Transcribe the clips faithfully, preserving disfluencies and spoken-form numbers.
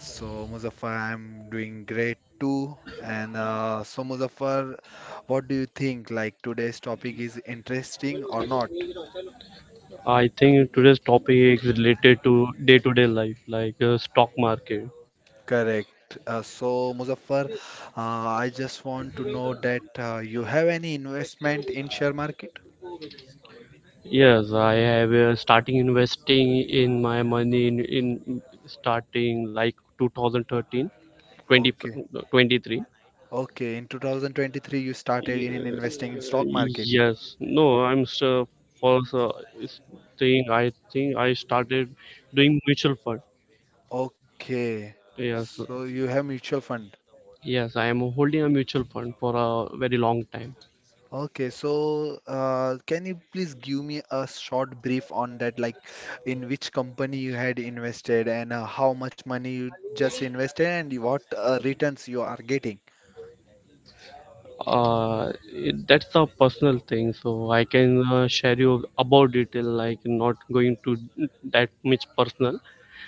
So, Muzaffar, I'm doing great too. And uh, so, Muzaffar, what do you think? Like today's topic is interesting or not? Correct. Uh, so, Muzaffar, uh, I just want to know that uh, you have any investment in share market? Okay. Okay. In two thousand twenty-three, you started in investing in stock market. Okay. So you have mutual fund. Okay, so uh, can you please give me a short brief on that, like in which company you had invested and uh, how much money you just invested and what uh, returns you are getting?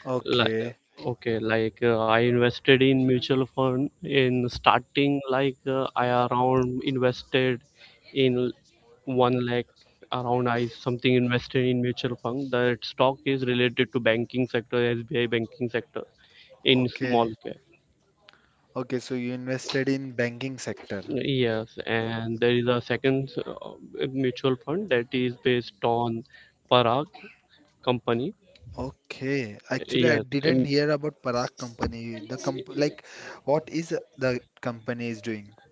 Okay, okay, okay. So you invested in banking sector. Okay, actually, I didn't hear about Parag company. The comp like, what is the company is doing?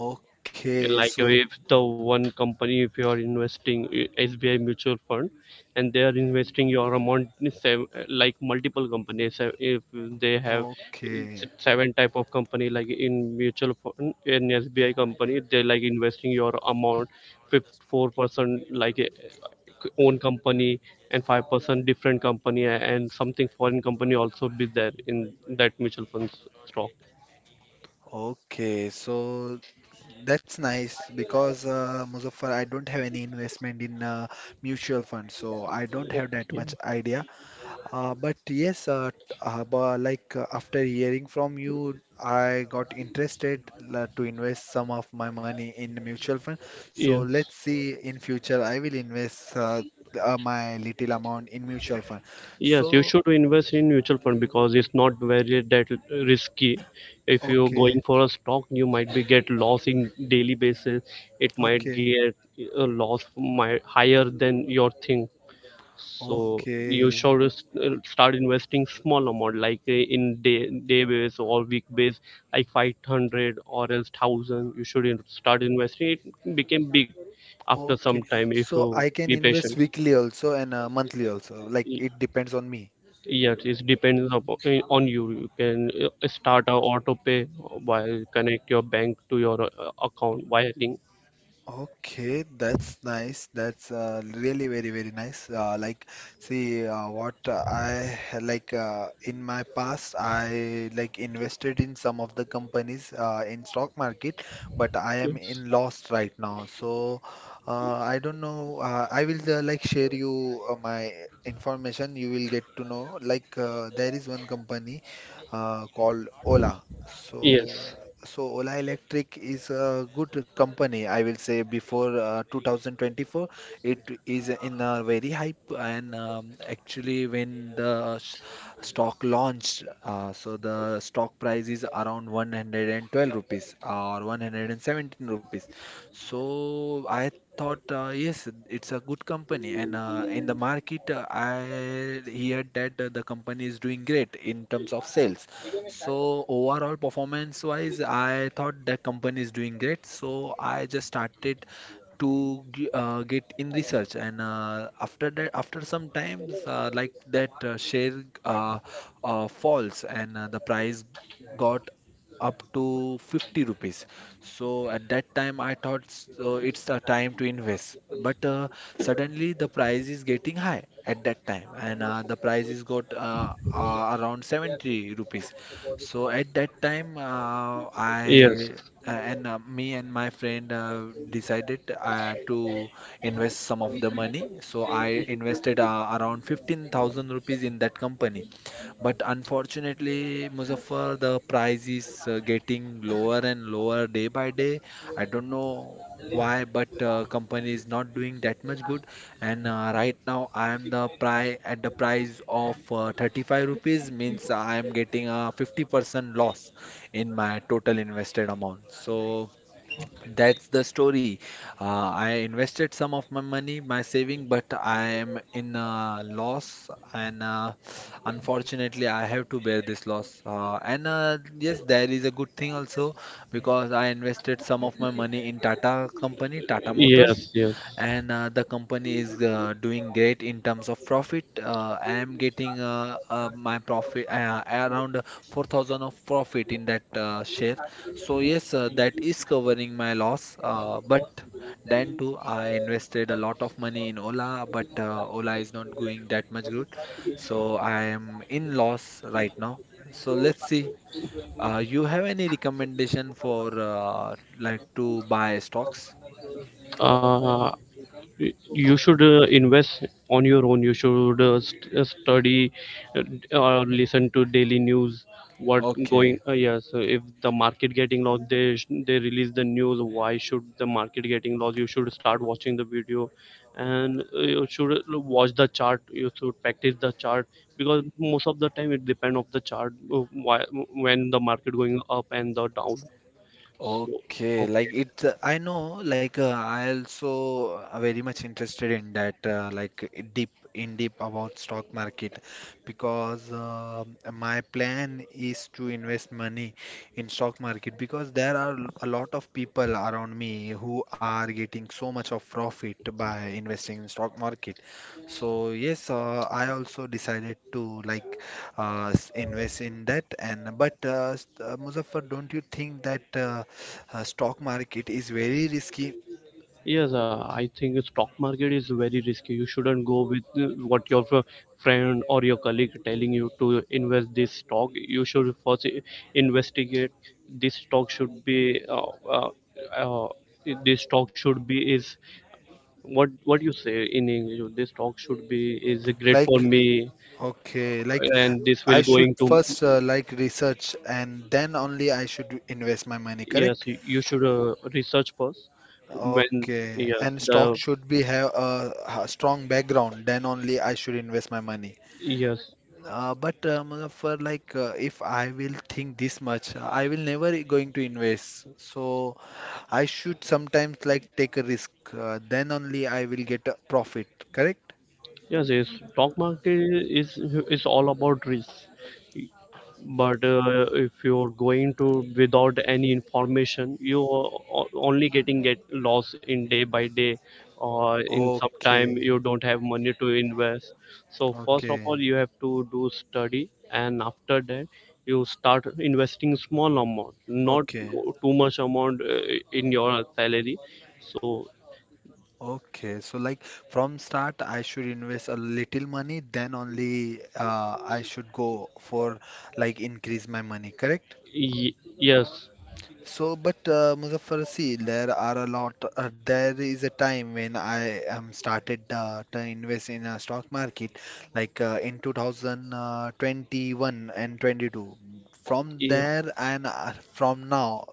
Okay, so okay, okay, so that's nice because uh, Muzaffar, I don't have any investment in uh, mutual funds, so I don't have that much idea. Uh, but yes, uh, t- uh, bu- like uh, after hearing from you, I got interested la- to invest some of my money in the mutual fund. So let's see in future I will invest uh, th- uh, my little amount in mutual fund. So okay, okay, okay, okay. So I can invest weekly also and uh, monthly also. Like it depends on me. Okay, that's nice. That's uh, really very very nice. Uh, like, see, uh, what uh, I ha- like uh, in my past, I like invested in some of the companies uh, in stock market, but I am in loss right now. So uh, I don't know. Uh, I will uh, like share you uh, my information. You will get to know. Like, uh, there is one company uh, called Ola. So so Ola Electric is a good company, I will say. Before uh, two thousand twenty-four, it is in a very hype, and um, actually, when the s- stock launched, uh, so the stock price is around one hundred twelve rupees or one hundred seventeen rupees. So I thought, uh, yes, it's a good company, and uh, in the market, uh, I heard that uh, the company is doing great in terms of sales. So overall performance wise, I thought the company is doing great. So I just started to g- uh, get in research and uh, after that after some times uh, like that uh, share uh, uh, falls and uh, the price got up to fifty rupees. So at that time I thought so it's the time to invest, but uh, suddenly the price is getting high at that time and uh, the price is got uh, uh, around seventy rupees. So at that time, uh, I uh, and uh, me and my friend uh, decided uh, to invest some of the money. So I invested uh, around fifteen thousand rupees in that company. But unfortunately, Muzaffar, the price is uh, getting lower and lower day by day. I don't know why, but uh, company is not doing that much good and uh, right now I am the price at the price of uh, thirty-five rupees means I am getting a fifty percent loss in my total invested amount. So that's the story. Uh, I invested some of my money, my saving, but I am in a loss, and uh, unfortunately, I have to bear this loss. Uh, and uh, yes, there is a good thing also because I invested some of my money in Tata company, Tata Motors, and uh, the company is uh, doing great in terms of profit. Uh, I am getting uh, uh, my profit uh, around four thousand of profit in that uh, share. So yes, uh, that is covering my loss. Uh, but then too, I invested a lot of money in Ola, but uh, Ola is not going that much good. So I am in loss right now. So let's see. Uh, you have any recommendation for uh, like to buy stocks? Okay. Okay, like it, uh, I know, like uh, I also uh, very much interested in that, uh, like i- deep in deep about stock market, because um my plan is to invest money in stock market because there are l- a lot of people around me who are getting so much of profit by investing in stock market. So yes, uh, I also decided to like uh, s- invest in that. And but uh, s- uh, Muzaffar, don't you think that? Uh, uh, stock market is very risky. Like, okay, like I should first uh, like research and then only I should invest my money, correct? Okay, and stock should be have a, a strong background, then only I should invest my money. Uh, but um, for like uh, if I will think this much, uh, I will never going to invest. So I should sometimes like take a risk, uh, then only I will get a profit, correct? Okay, okay. Okay, okay. So like from start, I should invest a little money, then only uh, I should go for like increase my money, correct? So, but uh, Muzaffar, see, there are a lot. Uh, there is a time when I um, started uh, to invest in a stock market, like uh, in two thousand twenty-one and twenty-two. From there and uh, from now.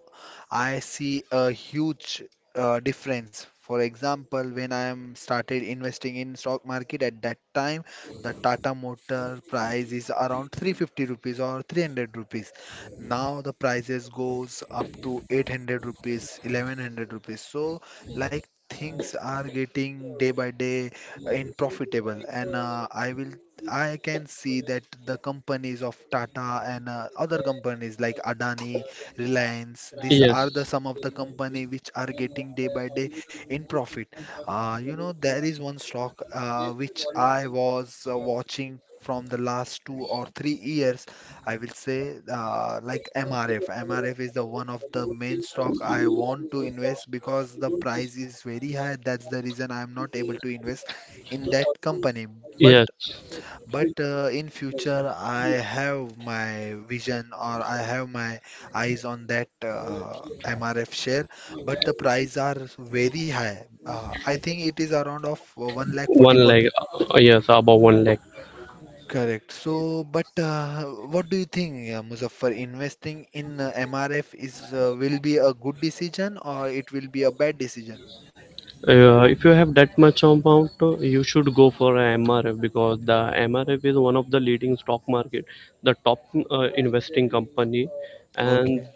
I see a huge uh, difference. For example, when I am started investing in stock market at that time, the Tata Motor price is around three hundred fifty rupees or three hundred rupees. Now the prices goes up to eight hundred rupees, eleven hundred rupees. So like things are getting day by day in profitable and uh, I will I can see that the companies of Tata and uh, other companies like Adani Reliance. These are the some of the company which are getting day by day in profit. Uh, you know, there is one stock uh, which I was uh, watching from the last two or three years. I will say uh, like M R F. M R F is the one of the main stock I want to invest because the price is very high. That's the reason I am not able to invest in that company. But but uh, in future, I have my vision or I have my eyes on that uh, M R F share, but the price are very high. Uh, I think it is around of one lakh forty per thousand. Correct. So, but uh, what do you think, uh, Muzaffar? Investing in uh, M R F is uh, will be a good decision or it will be a bad decision? Okay.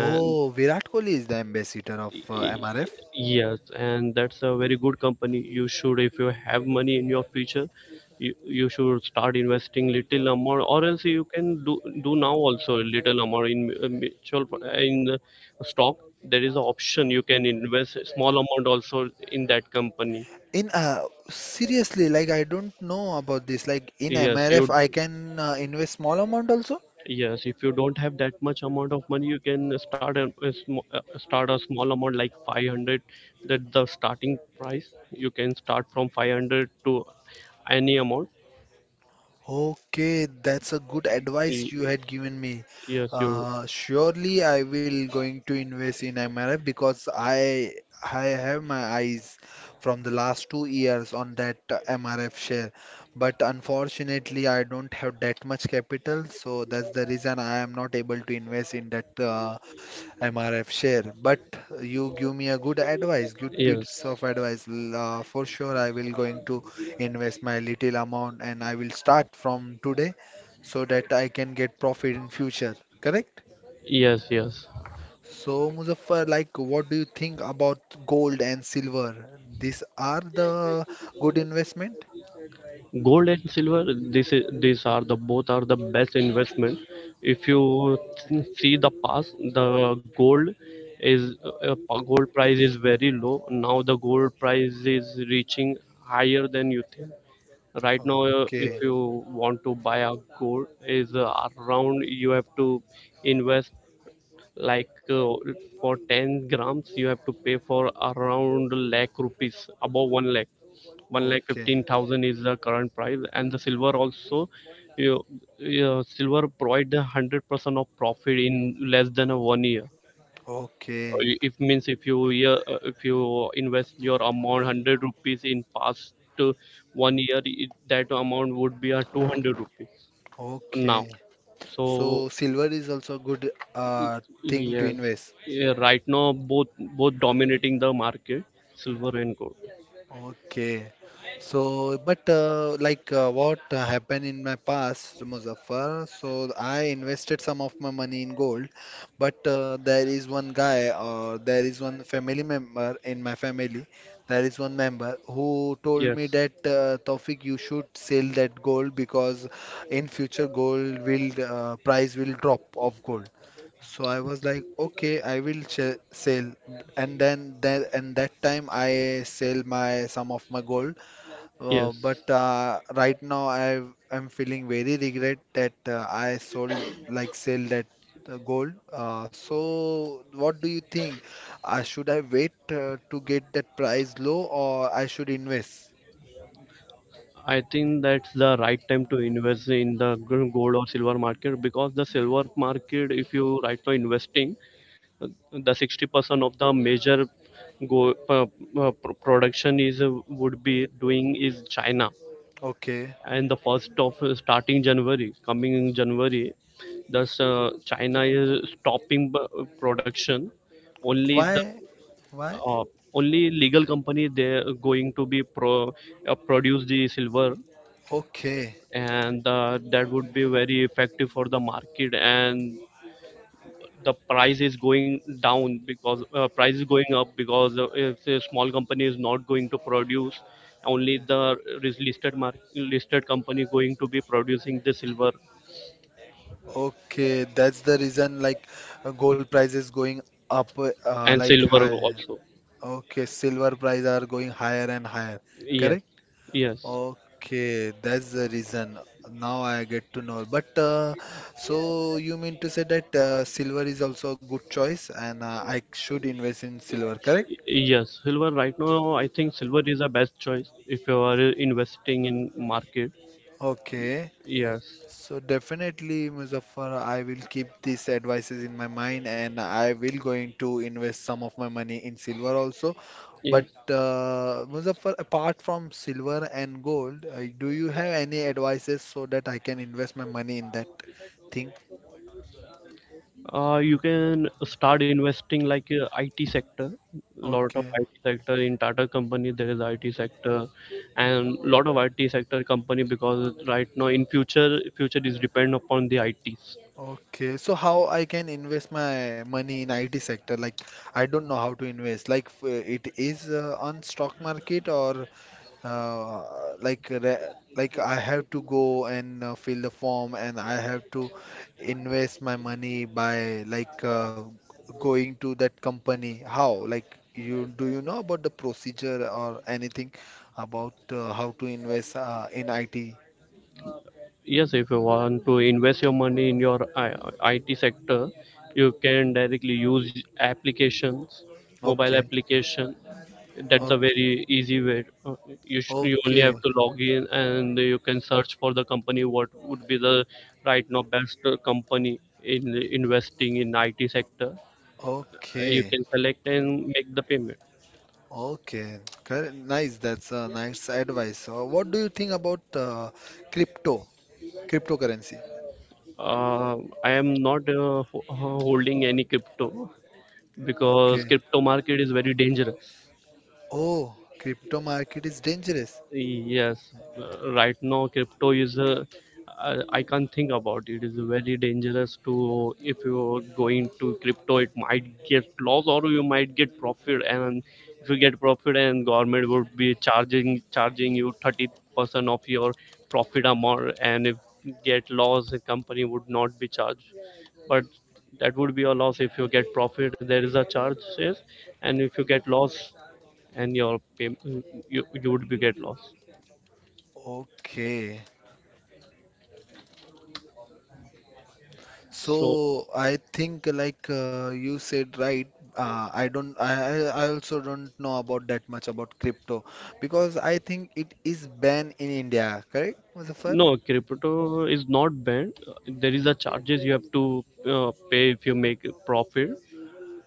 Oh, Virat Kohli is the ambassador of uh, M R F. In uh, seriously, like I don't know about this. Like in M R F, I can uh, invest small amount also. Okay, that's a good advice you had given me. Uh, surely I will going to invest in M R F because I I have my eyes from the last two years on that uh, M R F share. But unfortunately, I don't have that much capital, so that's the reason I am not able to invest in that uh, M R F share. But you give me a good advice, good bits of advice. L- Uh, for sure, I will going to invest my little amount and I will start from today so that I can get profit in future. Correct? So, Muzaffar, like, what do you think about gold and silver? These are the good investment? Okay. Okay. Okay. Okay. So So silver is also a good uh, thing to invest. Okay. So, but uh, like uh, what uh, happened in my past, Muzaffar, so I invested some of my money in gold, but uh, there is one guy or there is one family member in my family, there is one member who told me that uh, Taufik, you should sell that gold because in future gold will uh, price will drop of gold. So I was like, okay, I will ch- sell, and then that and that time I sell my some of my gold. Uh, but uh, right now I am feeling very regret that uh, I sold like sell that uh, gold. Uh, so what do you think? Uh, should I wait uh, to get that price low, or I should invest? Okay, why? Why? Okay. Okay, that's the reason like uh, gold price is going up uh, like high. Okay, silver price are going higher and higher. Correct? Okay, that's the reason. Now I get to know. But uh, so you mean to say that uh, silver is also a good choice and uh, I should invest in silver, correct? Okay. So definitely, Muzaffar, I will keep these advices in my mind and I will going to invest some of my money in silver also. But uh, Muzaffar, apart from silver and gold, uh, do you have any advices so that I can invest my money in that thing? Okay. Okay. So how I can invest my money in I T sector? Like I don't know how to invest. Like f- it is uh, on stock market or uh, like re- like I have to go and uh, fill the form and I have to invest my money by like uh, going to that company. How? Like you do you know about the procedure or anything about uh, how to invest uh, in I T? Okay, okay, okay, okay. Okay. Correct, nice. That's a nice advice. Uh, what do you think about uh, crypto, cryptocurrency? Okay. Oh, crypto market is dangerous. Okay. So I think like uh, you said right. Uh, I don't. I I I also don't know about that much about crypto because I think it is banned in India. Correct, Muzaffar?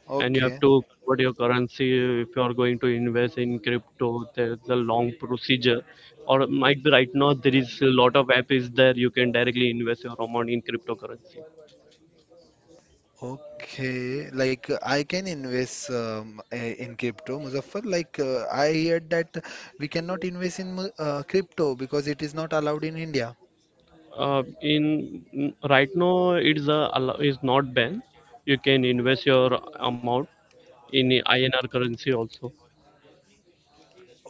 Okay. Okay. Like uh, I can invest um, eh, in crypto, Muzaffar. Like uh, I heard that we cannot invest in mu- uh, crypto because it is not allowed in India.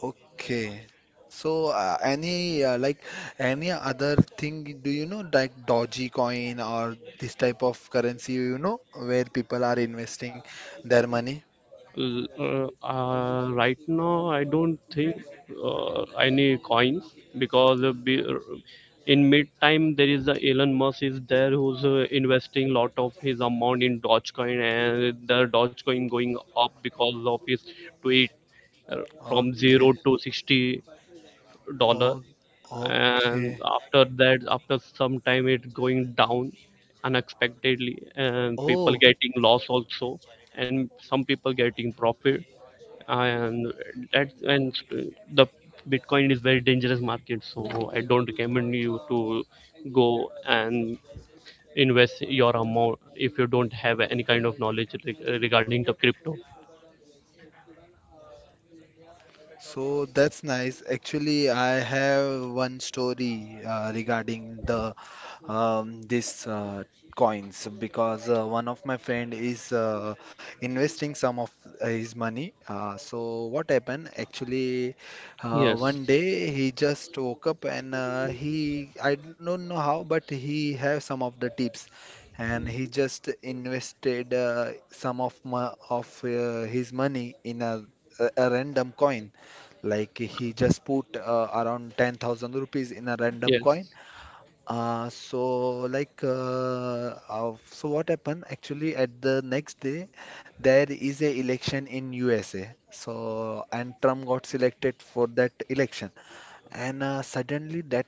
Okay. So uh, any uh, like any other thing do you know like Dogecoin coin or this type of currency you know where people are investing their money? Okay. Oh, okay. Oh. So that's nice. Actually, I have one story uh, regarding the um, this uh, coins because uh, one of my friend is uh, investing some of his money. Uh, so what happened? Actually, uh, one day he just woke up and uh, he, I don't know how, but he have some of the tips. And he just invested uh, some of my, of uh, his money in a, a a random coin. Like he just put uh, around ten thousand rupees in a random coin. Uh, so like uh, uh, so what happened actually at the next day there is a election in U S A. So and Trump got selected for that election. And uh, suddenly that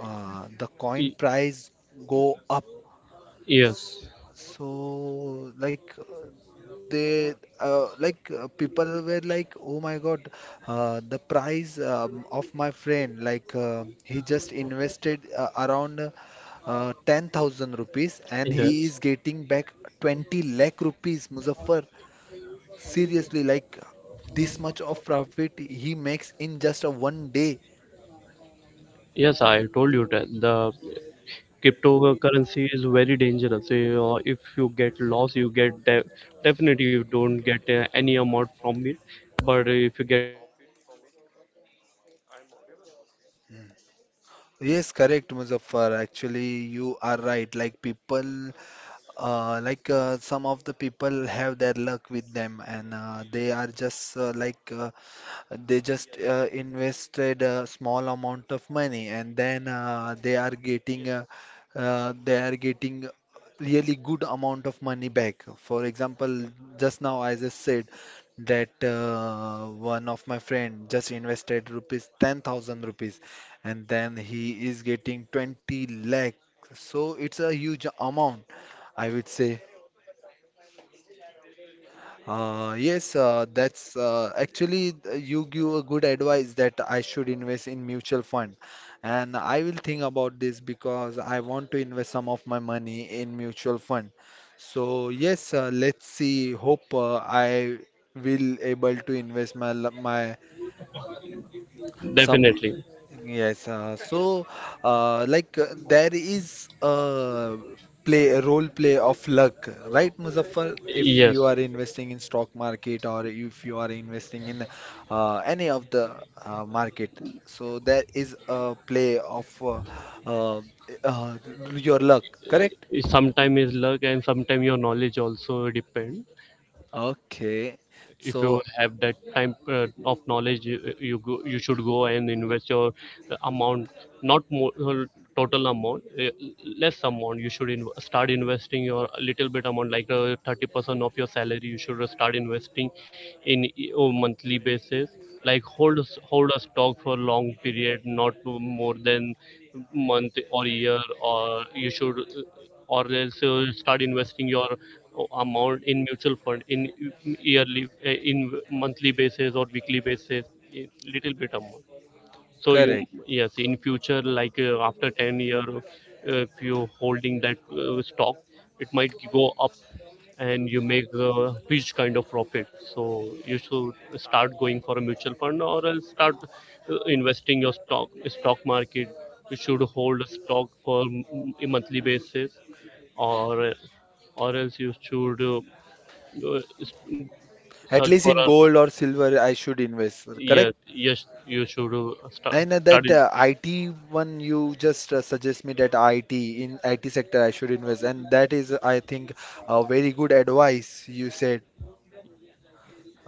uh, the coin price go up. So, like, uh, they, uh, like, uh, people were like, oh my God, uh, the price um, of my friend, like, uh, he just invested uh, around uh, ten thousand rupees and he is getting back twenty lakh rupees, Muzaffar. Seriously, like, this much of profit he makes in just a one day. Yes, correct, Muzaffar. Actually, you are right. Like people Uh, like uh, Some of the people have their luck with them, and uh, they are just uh, like uh, they just uh, invested a small amount of money and then uh, they are getting uh, uh, they are getting really good amount of money back. For example, just now I just said that uh, one of my friend just invested rupees ten thousand rupees and then he is getting twenty lakh. So it's a huge amount, I would say. Uh, yes, uh, that's uh, Actually, th- you give a good advice that I should invest in mutual fund, and I will think about this because I want to invest some of my money in mutual fund. So yes, uh, let's see. Hope uh, I will able to invest my l- my some. Definitely. Yes, uh, so uh, like uh, there is a play a role play of luck, right, Muzaffar? If Yes. you are investing in stock market or if you are investing in uh, any of the uh, market, so there is a play of uh, uh, uh, your luck, correct? Sometimes is luck and sometimes your knowledge also depend. Okay, If you so have that time uh, of knowledge you, you go you should go and invest your amount, not more uh, total amount uh, less amount, you should inv- start investing your little bit amount like uh, thirty percent of your salary. You should start investing in e- on monthly basis, like hold s- hold a stock for long period, not more than month or year, or you should uh, or else uh, start investing your o- amount in mutual fund in yearly uh, in monthly basis or weekly basis, a little bit amount. So you correct. yes, in future, like uh, after ten year, uh, if you holding that uh, stock, it might go up and you make a huge kind of profit. So you should start going for a mutual fund or else start uh, investing your stock stock market. You should hold a stock for m- a monthly basis, or uh, or else you should uh, uh, s- At search least for in a gold or silver, I should invest, correct? yes yes you should uh, start And uh, start. that uh, I T one, you just uh, suggest me that I T in I T sector I should invest, and that is, I think, a very good advice you said.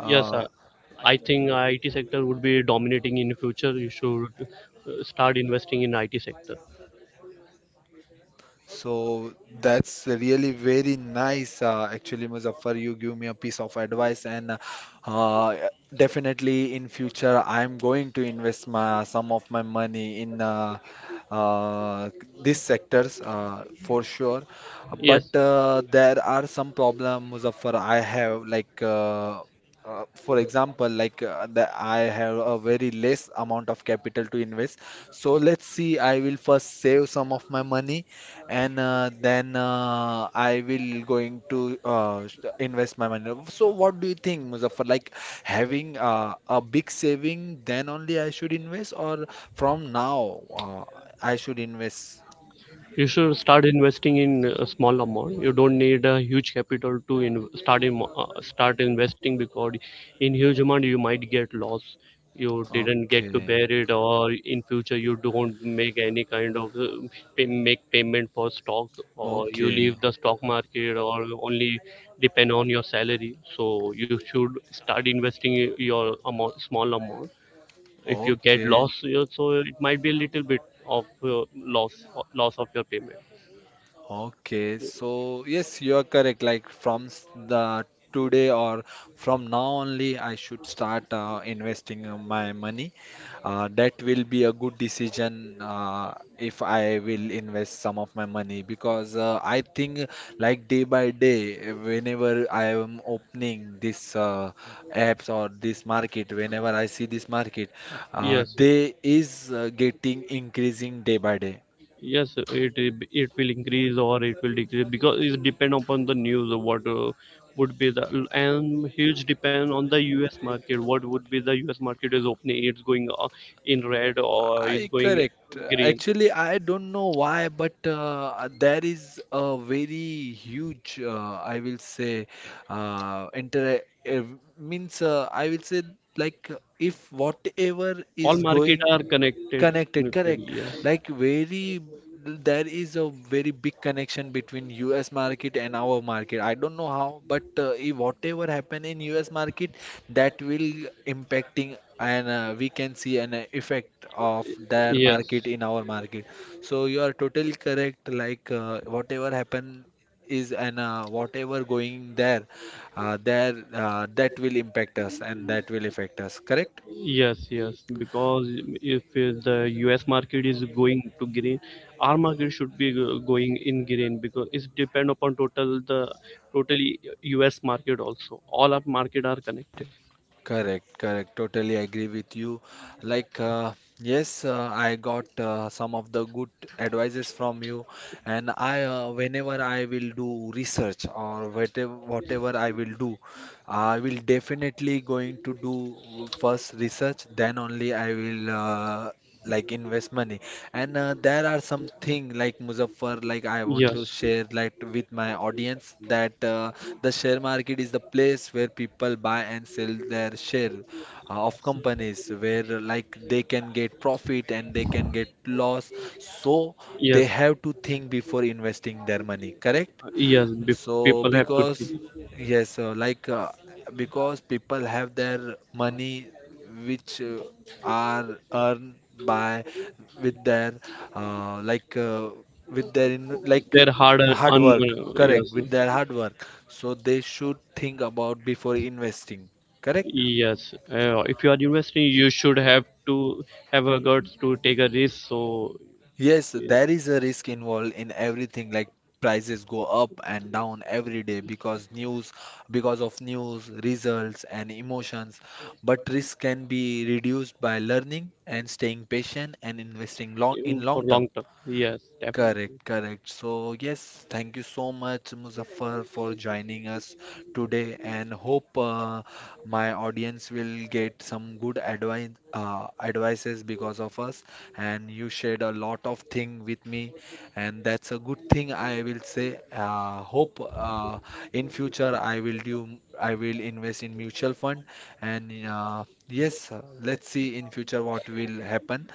Yes, uh, I think I T sector would be dominating in the future. You should uh, start investing in I T sector. So that's really very nice. Uh, actually, Muzaffar, you give me a piece of advice, and uh, definitely in future I'm going to invest my some of my money in uh, uh, these sectors uh, for sure. Yes. But uh, there are some problem, Muzaffar, I have like. Uh, Uh, for example, like uh, the, I have a very less amount of capital to invest. So let's see, I will first save some of my money and uh, then uh, I will going to uh, st- invest my money. So what do you think, Muzaffar? Like having uh, a big saving, then only I should invest, or from now uh, I should invest? You should start investing in a small amount. You don't need a huge capital to in, start in, uh, start investing, because in huge amount you might get loss. You didn't get to Okay, bear it, or in future you don't make any kind of uh, pay, make payment for stock, or you okay, leave the stock market, or only depend on your salary. So you should start investing i- your amount, small amount. If you get okay. loss, yeah, so it might be a little bit of uh, loss, loss of your payment. Okay, so yes, you are correct. Like from s- the today or from now only, I should start uh, investing uh, my money. Uh, that will be a good decision uh, if I will invest some of my money because uh, I think like day by day, whenever I am opening this uh, apps or this market, whenever I see this market, uh, Yes, yes, they is uh, getting increasing day by day. yes. It it it will increase or it will decrease, because it depend upon the news of what uh, would be the, and huge depend on the U S market. What would be the U S market is opening? It's going uh, in red or is I going correct. green. Actually, I don't know why, but uh, there is a very huge, uh, I will say, uh, inter uh, means uh, I will say like if whatever All is market going. are connected, Connected, connected. correct. Yes, Like very, there is a very big connection between U S market and our market. I don't know how, but uh, if whatever happen in U S market, that will impacting and uh, we can see an effect of their yes. market in our market. So you are totally correct. Like uh, whatever happen is and uh, whatever going there, uh, there uh, that will impact us and that will affect us. Correct? Yes, yes, because if uh, the U S market is going to green, our market should be go- going in green, because it's depend upon total the totally U S market also. All our market are connected. Correct, correct. Totally agree with you. Like, uh, yes, uh, I got uh, some of the good advices from you, and I, uh, whenever I will do research or whatever, whatever I will do, I will definitely going to do first research. Then only I will uh, like invest money. And uh, there are some thing like Muzaffar, like I want to Yes, share like with my audience that uh, the share market is the place where people buy and sell their share uh, of companies where like they can get profit and they can get loss. So they yes, have to think before investing their money, correct? yes. Bef- so People have to because think yes, uh, like uh, because people have their money which uh, are earned by with their uh, like uh, with their in, like uh, they're hard earn, hard work, earn- correct, yes, with their hard work. So they should think about before investing, correct? yes. Uh, if you are investing, you should have to have a guts to take a risk. So Yes, there is a risk involved in everything, like prices go up and down every day because news, because of news, results, and emotions. But risk can be reduced by learning and staying patient and investing long in even for long long term. term, yes, definitely. Correct, correct. So, yes, thank you so much, Muzaffar, for joining us today, and hope uh, my audience will get some good advice uh, advices because of us. And you shared a lot of thing with me, and that's a good thing, I will say. Uh, hope uh, in future I will do. I will invest in mutual fund, and uh, yes, uh, let's see in future what will happen.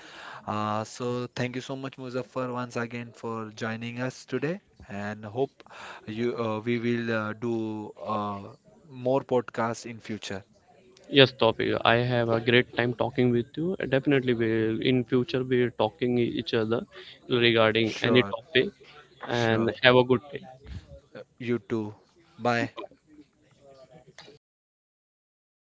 Uh, so thank you so much, Muzaffar, once again for joining us today, and hope you uh, we will uh, do uh, more podcasts in future. Yes, topic, I have a great time talking with you. Definitely we, in future, we will talking each other regarding any Sure, topic, and sure. have a good day. You too. Bye.